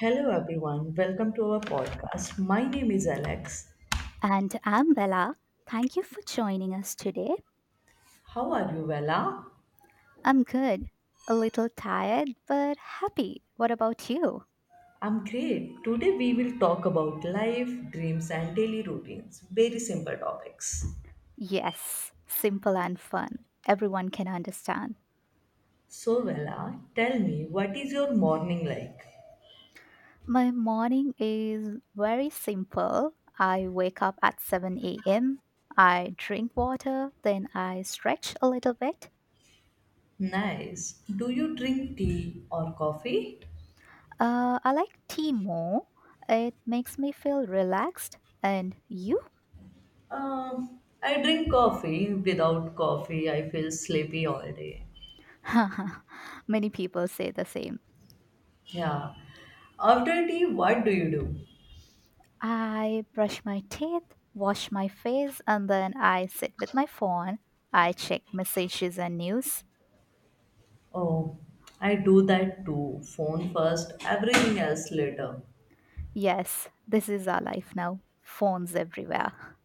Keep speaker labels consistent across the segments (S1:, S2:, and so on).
S1: Hello, everyone. Welcome to our podcast. My name is Alex.
S2: And I'm Bella. Thank you for joining us today.
S1: How are you, Vela?
S2: I'm good. A little tired, but happy. What about you?
S1: I'm great. Today, we will talk about life, dreams, and daily routines. Very simple topics.
S2: Yes, simple and fun. Everyone can understand.
S1: So, Vela, tell me, what is your morning like?
S2: My morning is very simple. I wake up at 7 a.m. I drink water, then I stretch a little bit.
S1: Nice. Do you drink tea or coffee?
S2: I like tea more. It makes me feel relaxed. And you?
S1: I drink coffee. Without coffee, I feel sleepy all day.
S2: Many people say the same.
S1: Yeah. After tea, what do you do?
S2: I brush my teeth, wash my face, and then I sit with my phone. I check messages and news.
S1: Oh, I do that too. Phone first, everything else later.
S2: Yes, this is our life now. Phones everywhere.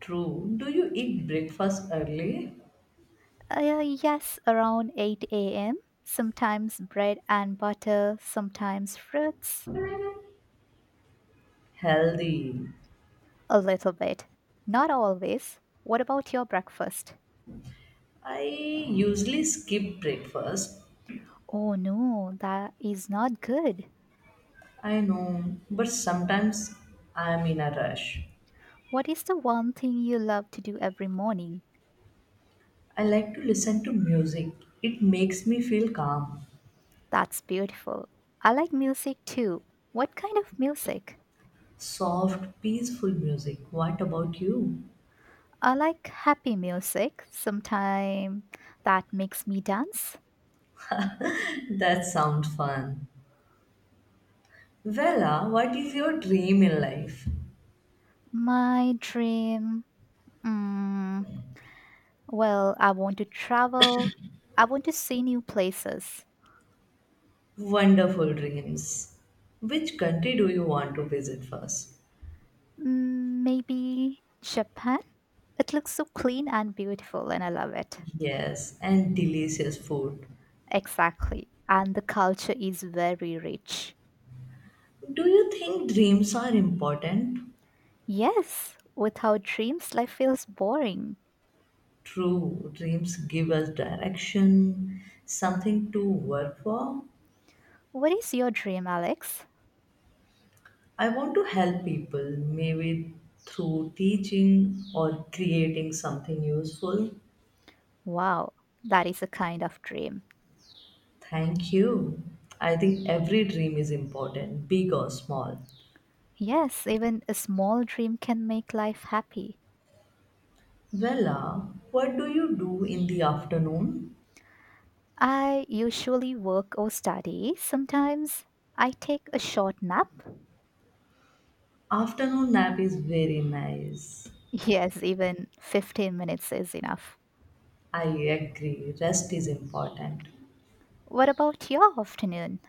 S1: True. Do you eat breakfast early?
S2: Yes, around 8 a.m. Sometimes bread and butter, sometimes fruits.
S1: Healthy.
S2: A little bit. Not always. What about your breakfast?
S1: I usually skip breakfast.
S2: Oh no, that is not good.
S1: I know, but sometimes I am in a rush.
S2: What is the one thing you love to do every morning?
S1: I like to listen to music. It makes me feel calm.
S2: That's beautiful. I like music too. What kind of music?
S1: Soft, peaceful music. What about you?
S2: I like happy music, sometime that makes me dance.
S1: That sounds fun. Vela, what is your dream in life?
S2: My dream. Mm, well, I want to travel. I want to see new places.
S1: Wonderful dreams. Which country do you want to visit first?
S2: Mm, maybe Japan? It looks so clean and beautiful, and I love it.
S1: Yes, and delicious food.
S2: Exactly. And the culture is very rich.
S1: Do you think dreams are important?
S2: Yes, without dreams, life feels boring.
S1: True, dreams give us direction, something to work for.
S2: What is your dream, Alex?
S1: I want to help people, maybe through teaching or creating something useful.
S2: Wow, that is a kind of dream.
S1: Thank you. I think every dream is important, big or small.
S2: Yes, even a small dream can make life happy.
S1: Vella, what do you do in the afternoon?
S2: I usually work or study. Sometimes I take a short nap.
S1: Afternoon nap is very nice.
S2: Yes, even 15 minutes is enough.
S1: I agree. Rest is important.
S2: What about your afternoon?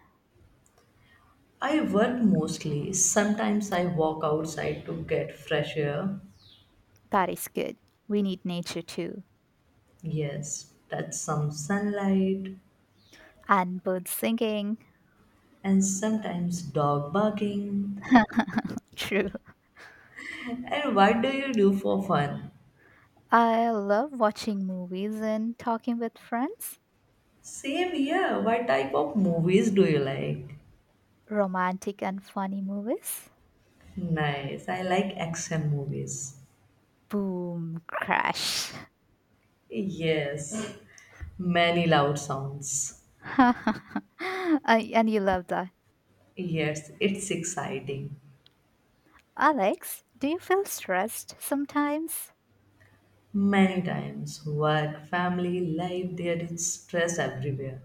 S1: I work mostly. Sometimes I walk outside to get fresh air.
S2: That is good. We need nature too.
S1: Yes, touch some sunlight
S2: And birds singing.
S1: and sometimes dog barking.
S2: True.
S1: And what do you do for fun?
S2: I love watching movies and talking with friends.
S1: Same here. What type of movies do you like?
S2: Romantic and funny movies.
S1: Nice. I like action movies.
S2: Boom, crash.
S1: Yes, many loud sounds.
S2: I- and you love that.
S1: Yes, it's exciting.
S2: Alex, do you feel stressed sometimes?
S1: Many times, work, family, life, there is stress everywhere.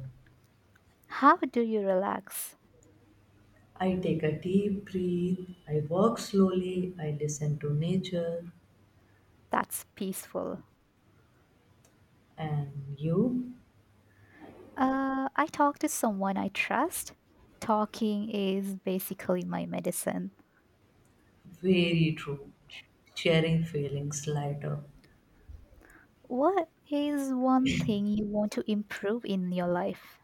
S2: How do you relax?
S1: I take a deep breath, I walk slowly, I listen to nature,
S2: That's peaceful.
S1: and you?
S2: I talk to someone I trust. Talking is basically my medicine.
S1: Very true. Sharing feelings lighter.
S2: What is one thing you want to improve in your life?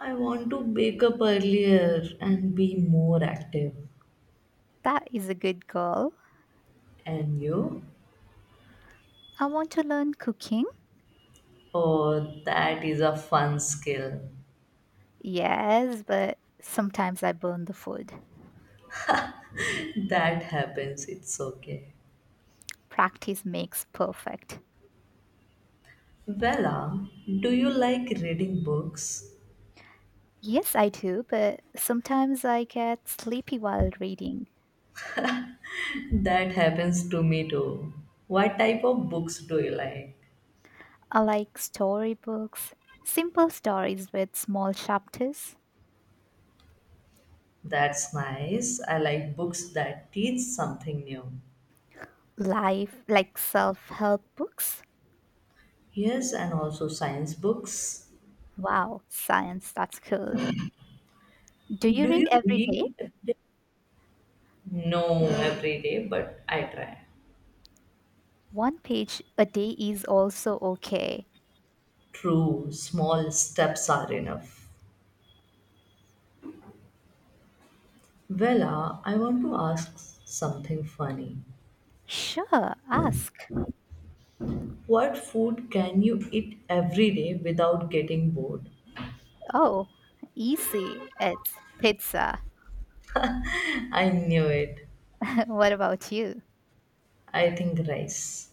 S1: I want to wake up earlier and be more active.
S2: That is a good goal.
S1: And you?
S2: I want to learn cooking.
S1: Oh, that is a fun skill.
S2: Yes, but sometimes I burn the food.
S1: That happens, it's okay.
S2: Practice makes perfect.
S1: Vella, do you like reading books?
S2: Yes, I do, but sometimes I get sleepy while reading.
S1: That happens to me too. What type of books do you like?
S2: I like storybooks, simple stories with small chapters,
S1: That's nice. I like books that teach something new.
S2: life, like self help books.
S1: Yes, and also science books.
S2: Wow, science, that's cool. Do you
S1: Do
S2: read
S1: you
S2: every day?
S1: read? No, every day, but I try.
S2: One page a day is also okay.
S1: True, small steps are enough. Vela, I want to ask something funny.
S2: Sure, ask.
S1: What food can you eat every day without getting bored?
S2: Oh, easy. It's pizza.
S1: I knew it.
S2: What about you?
S1: I think rice.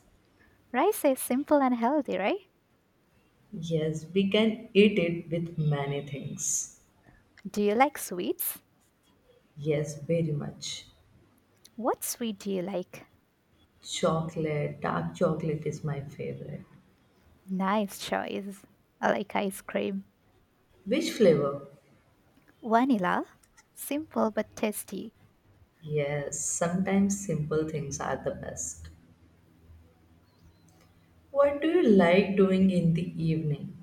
S2: Rice is simple and healthy, right?
S1: Yes, we can eat it with many things.
S2: Do you like sweets?
S1: Yes, very much.
S2: What sweet do you like?
S1: Chocolate, dark chocolate is my favorite.
S2: Nice choice. I like ice cream.
S1: Which flavor?
S2: Vanilla? Simple but tasty.
S1: Yes, sometimes simple things are the best. What do you like doing in the evening?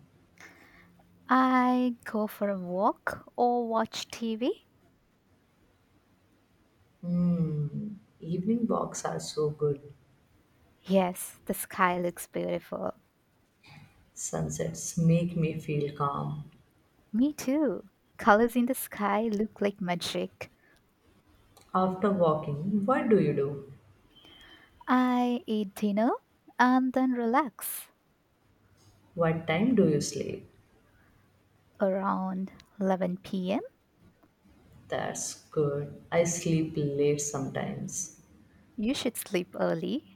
S2: I go for a walk or watch TV.
S1: Hmm, evening walks are so good.
S2: Yes, the sky looks beautiful.
S1: Sunsets make me feel calm.
S2: Me too. Colors in the sky look like magic.
S1: After walking, what do you do?
S2: I eat dinner and then relax
S1: What time do you sleep?
S2: around 11 p.m.
S1: That's good. I sleep late sometimes.
S2: You should sleep early.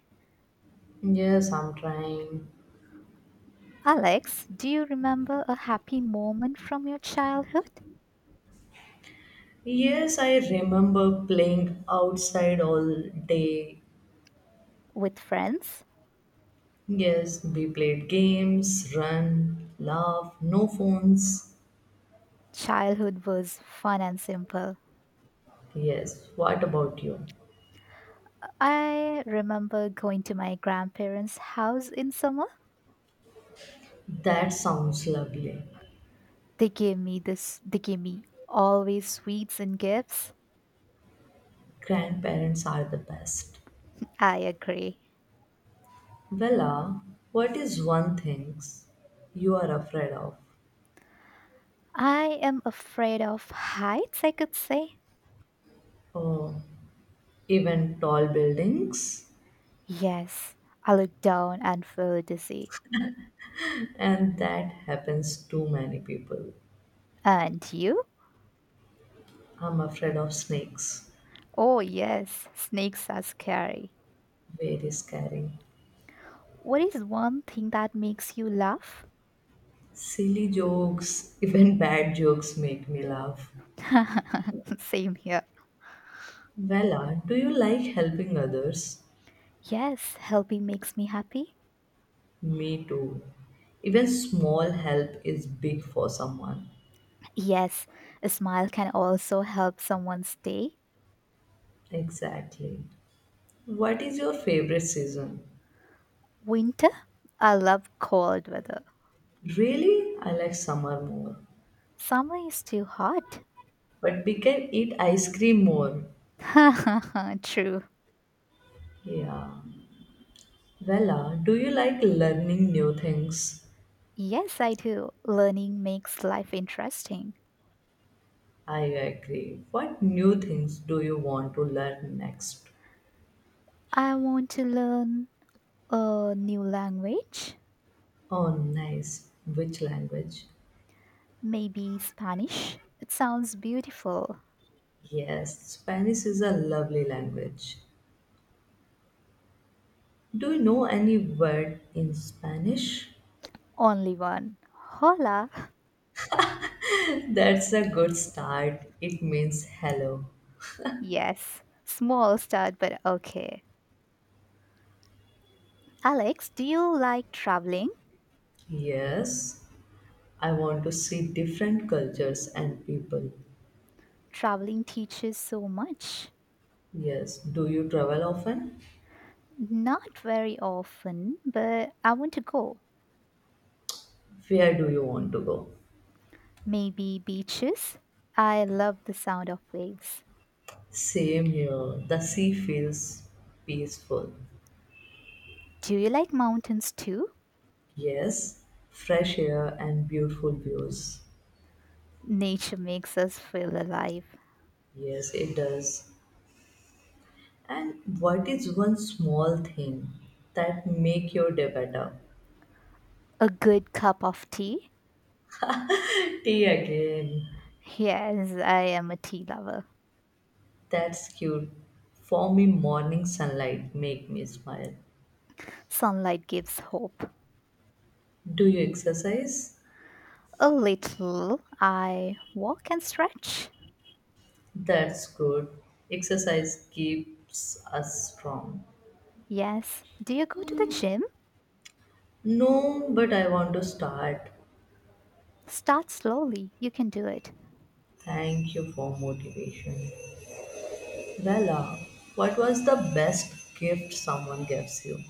S1: Yes, I'm trying.
S2: Alex, do you remember a happy moment from your childhood
S1: Yes, I remember playing outside all day.
S2: with friends?
S1: Yes, we played games, run, laugh, no phones.
S2: Childhood was fun and simple.
S1: Yes, what about you?
S2: I remember going to my grandparents' house in summer.
S1: That sounds lovely.
S2: They gave me this, they gave me always sweets and gifts.
S1: Grandparents are the best.
S2: I agree.
S1: Vella, what is one thing you are afraid of?
S2: I am afraid of heights, I could say.
S1: Oh, even tall buildings?
S2: Yes, I look down and feel dizzy.
S1: And that happens to many people.
S2: And you?
S1: I'm afraid of snakes.
S2: Oh, yes, snakes are scary.
S1: Very scary.
S2: What is one thing that makes you laugh?
S1: Silly jokes, even bad jokes make me laugh.
S2: Same here.
S1: Vela, do you like helping others?
S2: Yes, helping makes me happy.
S1: Me too. Even small help is big for someone.
S2: Yes, a smile can also help someone stay.
S1: Exactly. What is your favorite season?
S2: Winter? I love cold weather.
S1: Really? I like summer more.
S2: Summer is too hot.
S1: But we can eat ice cream more.
S2: True.
S1: Yeah. Vela, do you like learning new things?
S2: Yes, I do. Learning makes life interesting.
S1: I agree. What new things do you want to learn next?
S2: I want to learn a new language,
S1: Oh, nice. Which language?
S2: maybe Spanish. It sounds beautiful.
S1: Yes, Spanish is a lovely language. Do you know any word in Spanish?
S2: Only one. Hola.
S1: That's a good start. It means hello.
S2: Yes, small start, but okay. Alex, do you like traveling?
S1: Yes, I want to see different cultures and people.
S2: Traveling teaches so much.
S1: Yes, do you travel often?
S2: Not very often, but I want to go.
S1: Where do you want to go?
S2: Maybe beaches? I love the sound of waves.
S1: Same here. The sea feels peaceful.
S2: Do you like mountains too?
S1: Yes, fresh air and beautiful views.
S2: Nature makes us feel alive.
S1: Yes, it does. And what is one small thing that make your day better?
S2: A good cup of tea?
S1: Tea again.
S2: Yes, I am a tea lover.
S1: That's cute. For me, morning sunlight make me smile.
S2: Sunlight gives hope.
S1: Do you exercise?
S2: A little. I walk and stretch.
S1: That's good. Exercise keeps us strong.
S2: Yes. Do you go to the gym?
S1: No, but I want to start.
S2: Start slowly. You can do it.
S1: Thank you for motivation. Bella, what was the best gift someone gives you?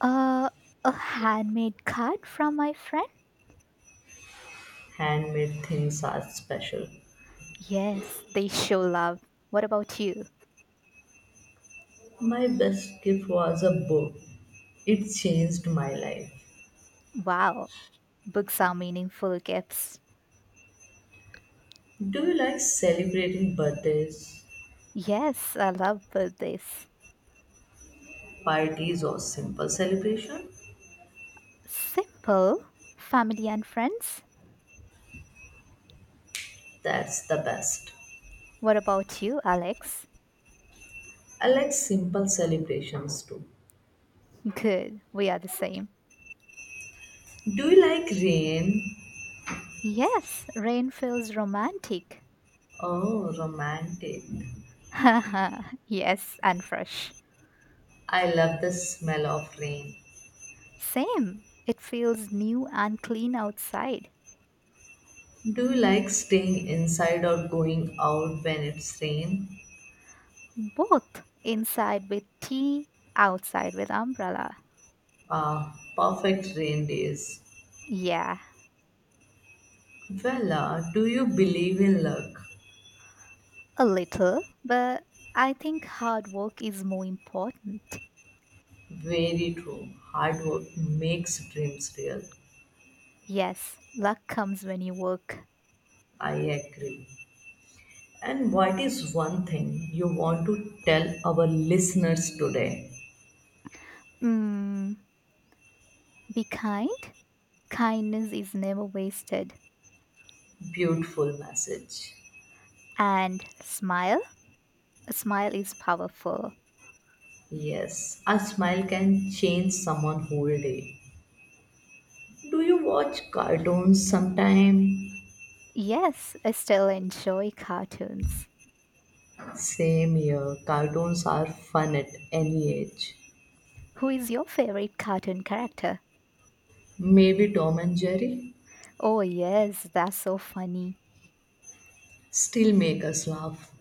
S2: Uh, a handmade card from my friend?
S1: Handmade things are special.
S2: Yes, they show love. What about you?
S1: My best gift was a book. It changed my life.
S2: Wow, books are meaningful gifts.
S1: Do you like celebrating birthdays,
S2: Yes, I love birthdays.
S1: parties, or simple celebration?
S2: Simple, family and friends.
S1: That's the best.
S2: What about you, Alex?
S1: I like simple celebrations too.
S2: Good, we are the same.
S1: Do you like rain?
S2: Yes, rain feels romantic.
S1: Oh, romantic.
S2: Haha, yes, and fresh.
S1: I love the smell of rain.
S2: Same, it feels new and clean outside.
S1: Do you like staying inside or going out when it's rain?
S2: Both, inside with tea, outside with umbrella.
S1: Ah, perfect rain days.
S2: Yeah.
S1: Vella, do you believe in luck?
S2: A little, but I think hard work is more important.
S1: Very true. Hard work makes dreams real.
S2: Yes, luck comes when you work.
S1: I agree. And what is one thing you want to tell our listeners today?
S2: Mm, be kind. Kindness is never wasted.
S1: Beautiful message.
S2: And smile. A smile is powerful.
S1: Yes, a smile can change someone whole day. Do you watch cartoons sometime?
S2: Yes, I still enjoy cartoons.
S1: Same here. Cartoons are fun at any age.
S2: Who is your favorite cartoon character?
S1: Maybe Tom and Jerry
S2: Oh, yes, that's so funny.
S1: still make us laugh.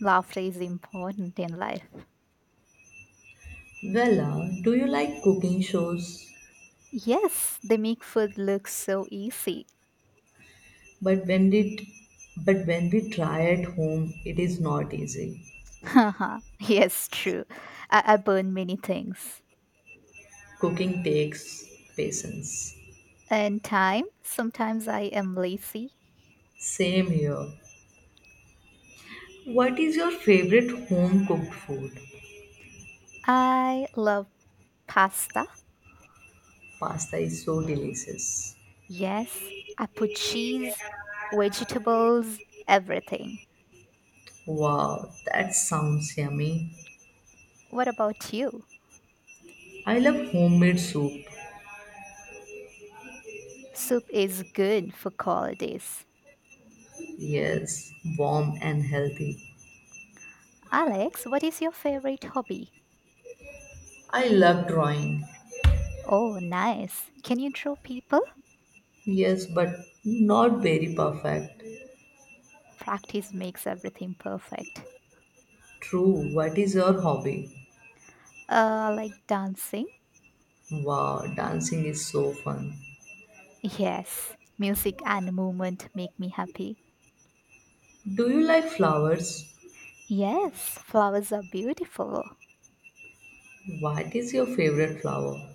S2: Laughter is important in life.
S1: Vella, do you like cooking shows?
S2: Yes, they make food look so easy.
S1: But when we but when we try at home, it is not easy.
S2: Haha, yes, true. I burn many things.
S1: Cooking takes patience.
S2: And time, sometimes I am lazy.
S1: Same here. What is your favorite home cooked food?
S2: I love pasta.
S1: Pasta is so delicious.
S2: Yes, I put cheese, vegetables, everything.
S1: Wow, that sounds yummy.
S2: What about you?
S1: I love homemade soup.
S2: Soup is good for cold days.
S1: Yes, warm and healthy.
S2: Alex, what is your favorite hobby?
S1: I love drawing.
S2: Oh, nice. Can you draw people?
S1: Yes, but not very perfect.
S2: Practice makes everything perfect.
S1: True, what is your hobby?
S2: Like dancing?
S1: Wow, dancing is so fun.
S2: Yes, music and movement make me happy.
S1: Do you like flowers?
S2: Yes, flowers are beautiful.
S1: What is your favorite flower?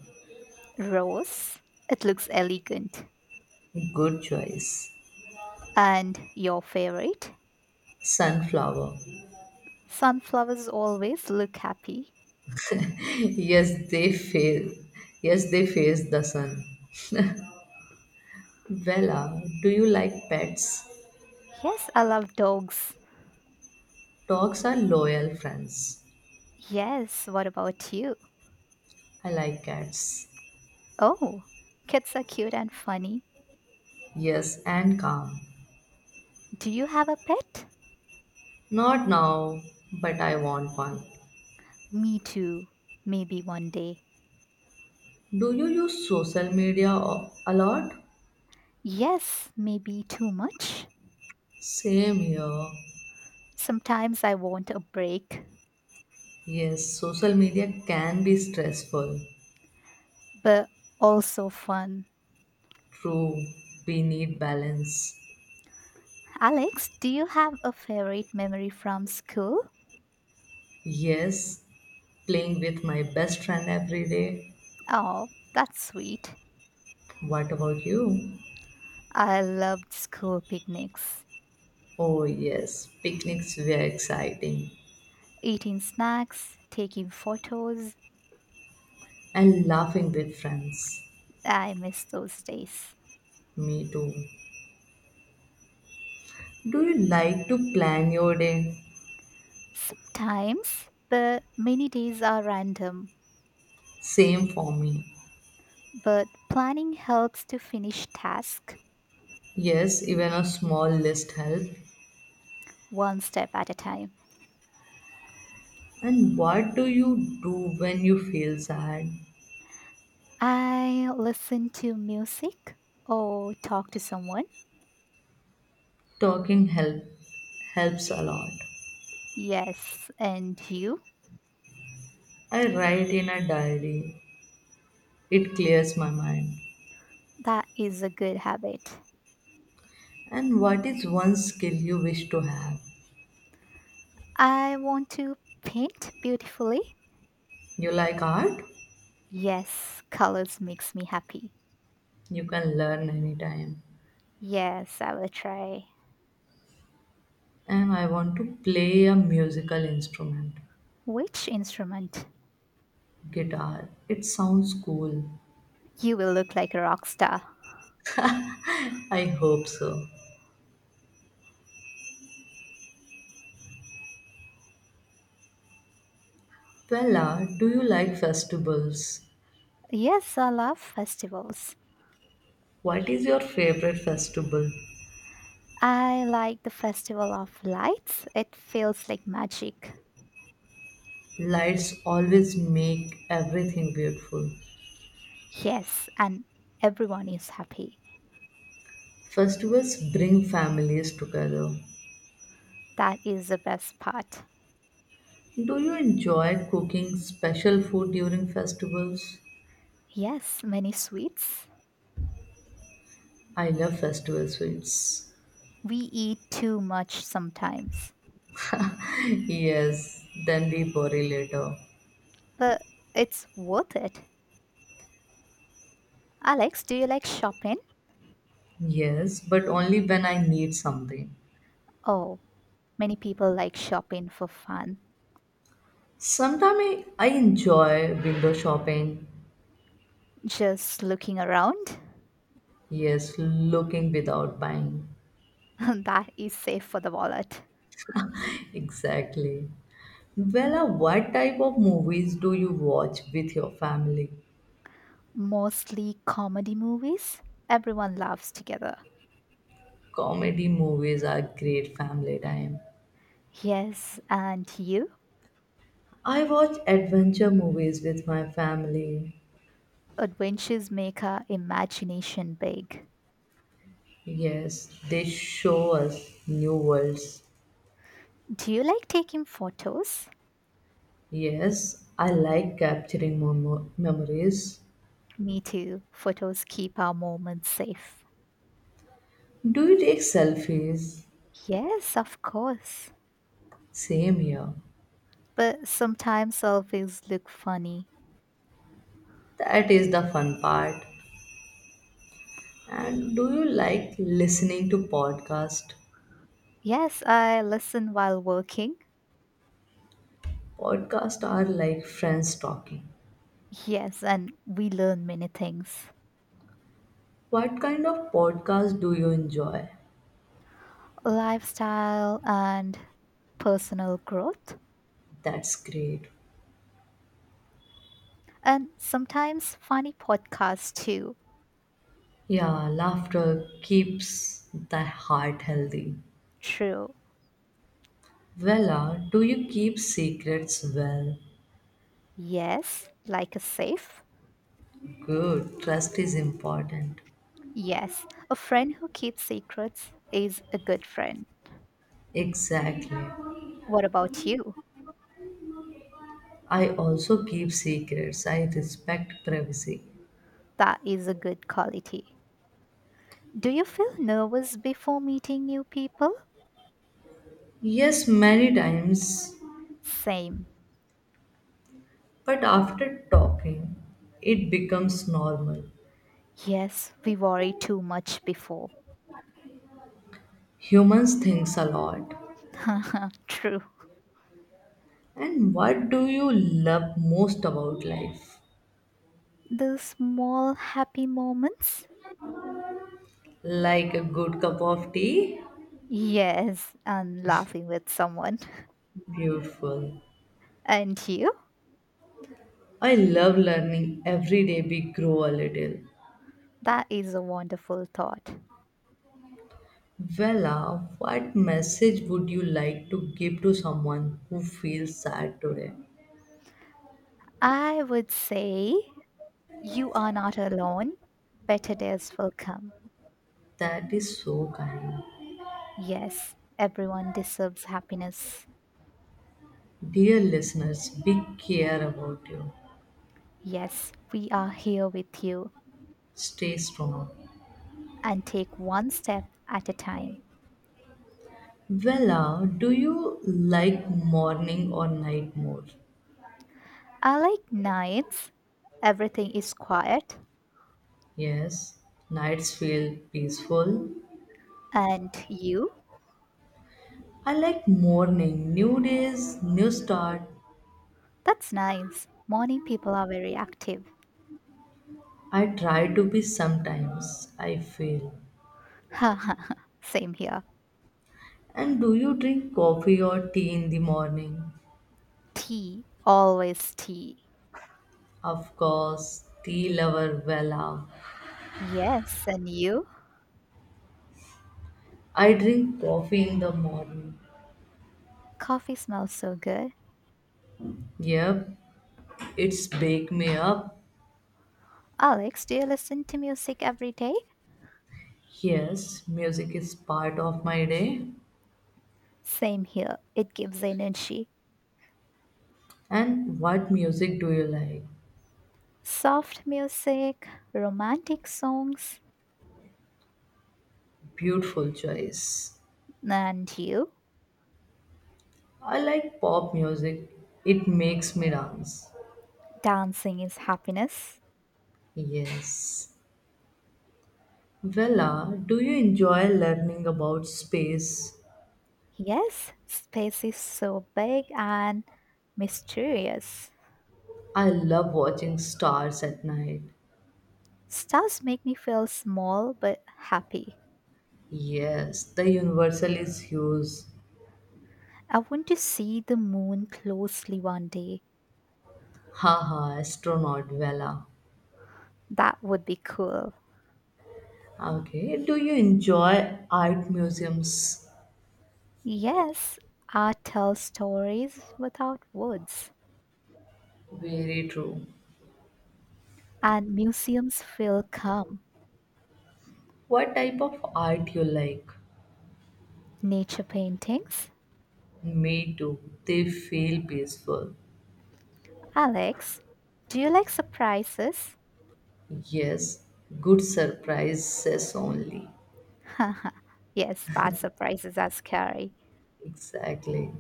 S2: Rose, it looks elegant.
S1: Good choice.
S2: And your favorite?
S1: Sunflower.
S2: Sunflowers always look happy.
S1: Yes, they fail. Yes, they face the sun. Vela, do you like pets?
S2: Yes, I love dogs.
S1: Dogs are loyal friends.
S2: Yes, what about you?
S1: I like cats.
S2: Oh, cats are cute and funny.
S1: Yes, and calm.
S2: Do you have a pet?
S1: Not now, but I want one.
S2: Me too. Maybe one day.
S1: Do you use social media a lot?
S2: Yes, maybe too much.
S1: Same here.
S2: Sometimes I want a break,
S1: Yes, social media can be stressful.
S2: but also fun.
S1: True, we need balance.
S2: Alex, do you have a favorite memory from school?
S1: Yes, playing with my best friend every day.
S2: Oh, that's sweet.
S1: What about you?
S2: I loved school picnics,
S1: Oh, yes, picnics were exciting
S2: eating snacks, taking photos.
S1: and laughing with friends.
S2: I miss those days.
S1: Me too. Do you like to plan your day?
S2: Sometimes, but many days are random.
S1: Same for me.
S2: But planning helps to finish task
S1: Yes, even a small list helps.
S2: one step at a time.
S1: And what do you do when you feel sad?
S2: I listen to music or talk to someone.
S1: Talking helps a lot.
S2: Yes, and you?
S1: I write in a diary. It clears my mind.
S2: That is a good habit.
S1: And what is one skill you wish to have?
S2: I want to paint beautifully.
S1: You like art?
S2: Yes, colors makes me happy.
S1: You can learn anytime.
S2: Yes, I will try.
S1: And I want to play a musical instrument,
S2: Which instrument?
S1: guitar. It sounds cool.
S2: You will look like a rock star.
S1: I hope so. Bella, do you like festivals?
S2: Yes, I love festivals.
S1: What is your favorite festival?
S2: I like the festival of lights. It feels like magic.
S1: Lights always make everything beautiful.
S2: Yes, and everyone is happy.
S1: Festivals bring families together.
S2: That is the best part.
S1: Do you enjoy cooking special food during festivals?
S2: Yes, many sweets.
S1: I love festival sweets.
S2: We eat too much sometimes,
S1: Yes, then we worry later.
S2: but it's worth it. Alex, do you like shopping?
S1: Yes, but only when I need something.
S2: Oh, many people like shopping for fun.
S1: Sometimes I enjoy window shopping.
S2: Just looking around.
S1: Yes, looking without buying.
S2: That is safe for the wallet.
S1: Exactly. Well, what type of movies do you watch with your family?
S2: Mostly comedy movies. Everyone laughs together.
S1: Comedy movies are great family time.
S2: Yes, and you?
S1: I watch adventure movies with my family.
S2: Adventures make our imagination big.
S1: Yes, they show us new worlds.
S2: Do you like taking photos?
S1: Yes, I like capturing memories.
S2: Me too. Photos keep our moments safe.
S1: Do you take selfies?
S2: Yes, of course.
S1: Same here.
S2: But sometimes selfies look funny.
S1: That is the fun part. And do you like listening to podcast?
S2: Yes, I listen while working.
S1: Podcasts are like friends talking.
S2: Yes, and we learn many things.
S1: What kind of podcast do you enjoy?
S2: Lifestyle and personal growth,
S1: That's great.
S2: and sometimes funny podcasts too.
S1: Yeah, laughter keeps the heart healthy.
S2: True.
S1: Vella, do you keep secrets well?
S2: Yes, like a safe.
S1: Good, trust is important.
S2: Yes, a friend who keeps secrets is a good friend.
S1: Exactly.
S2: What about you?
S1: I also keep secrets. I respect privacy.
S2: That is a good quality. Do you feel nervous before meeting new people?
S1: Yes, many times,
S2: Same.
S1: but after talking, it becomes normal.
S2: Yes, we worry too much before.
S1: Humans thinks a lot.
S2: True.
S1: And what do you love most about life?
S2: Those small happy moments.
S1: Like a good cup of tea?
S2: Yes, and laughing with someone.
S1: Beautiful.
S2: And you?
S1: I love learning every day we grow a little.
S2: That is a wonderful thought.
S1: Vela, what message would you like to give to someone who feels sad today?
S2: I would say you are not alone. Better days will come.
S1: That is so kind.
S2: Yes, everyone deserves happiness.
S1: Dear listeners, big care about you.
S2: Yes, we are here with you
S1: Stay strong.
S2: and take one step at a time.
S1: Vella, do you like morning or night more?
S2: I like nights. Everything is quiet.
S1: Yes, nights feel peaceful.
S2: And you?
S1: I like morning, new days, new start.
S2: That's nice. Morning people are very active.
S1: I try to be sometimes, I fail.
S2: Haha, same here.
S1: And do you drink coffee or tea in the morning?
S2: Tea, always tea.
S1: Of course, tea lover Vella.
S2: Yes, and you?
S1: I drink coffee in the morning.
S2: Coffee smells so good.
S1: Yep, it's wake me up.
S2: Alex, do you listen to music every day?
S1: Yes, music is part of my day.
S2: Same here. It gives energy.
S1: And what music do you like?
S2: Soft music, romantic songs,
S1: Beautiful choice.
S2: and you?
S1: I like pop music. It makes me dance.
S2: Dancing is happiness.
S1: Yes. Vella, do you enjoy learning about space?
S2: Yes, space is so big and mysterious.
S1: I love watching stars at night.
S2: Stars make me feel small but happy.
S1: Yes, the universal is huge.
S2: I want to see the moon closely one day.
S1: Haha, astronaut Vella.
S2: That would be cool.
S1: Okay, do you enjoy art museums?
S2: Yes, art tells stories without words,
S1: Very true.
S2: and museums feel calm.
S1: What type of art you like?
S2: Nature paintings?
S1: Me too. They feel peaceful.
S2: Alex, do you like surprises?
S1: Yes, good surprises only.
S2: Yes, bad surprises are scary.
S1: Exactly.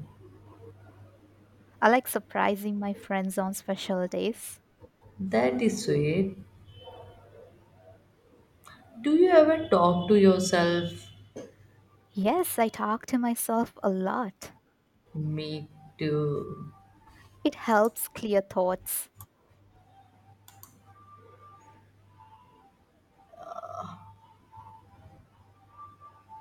S2: I like surprising my friends on special days.
S1: That is sweet. Do you ever talk to yourself?
S2: Yes, I talk to myself a lot.
S1: Me too.
S2: It helps clear thoughts.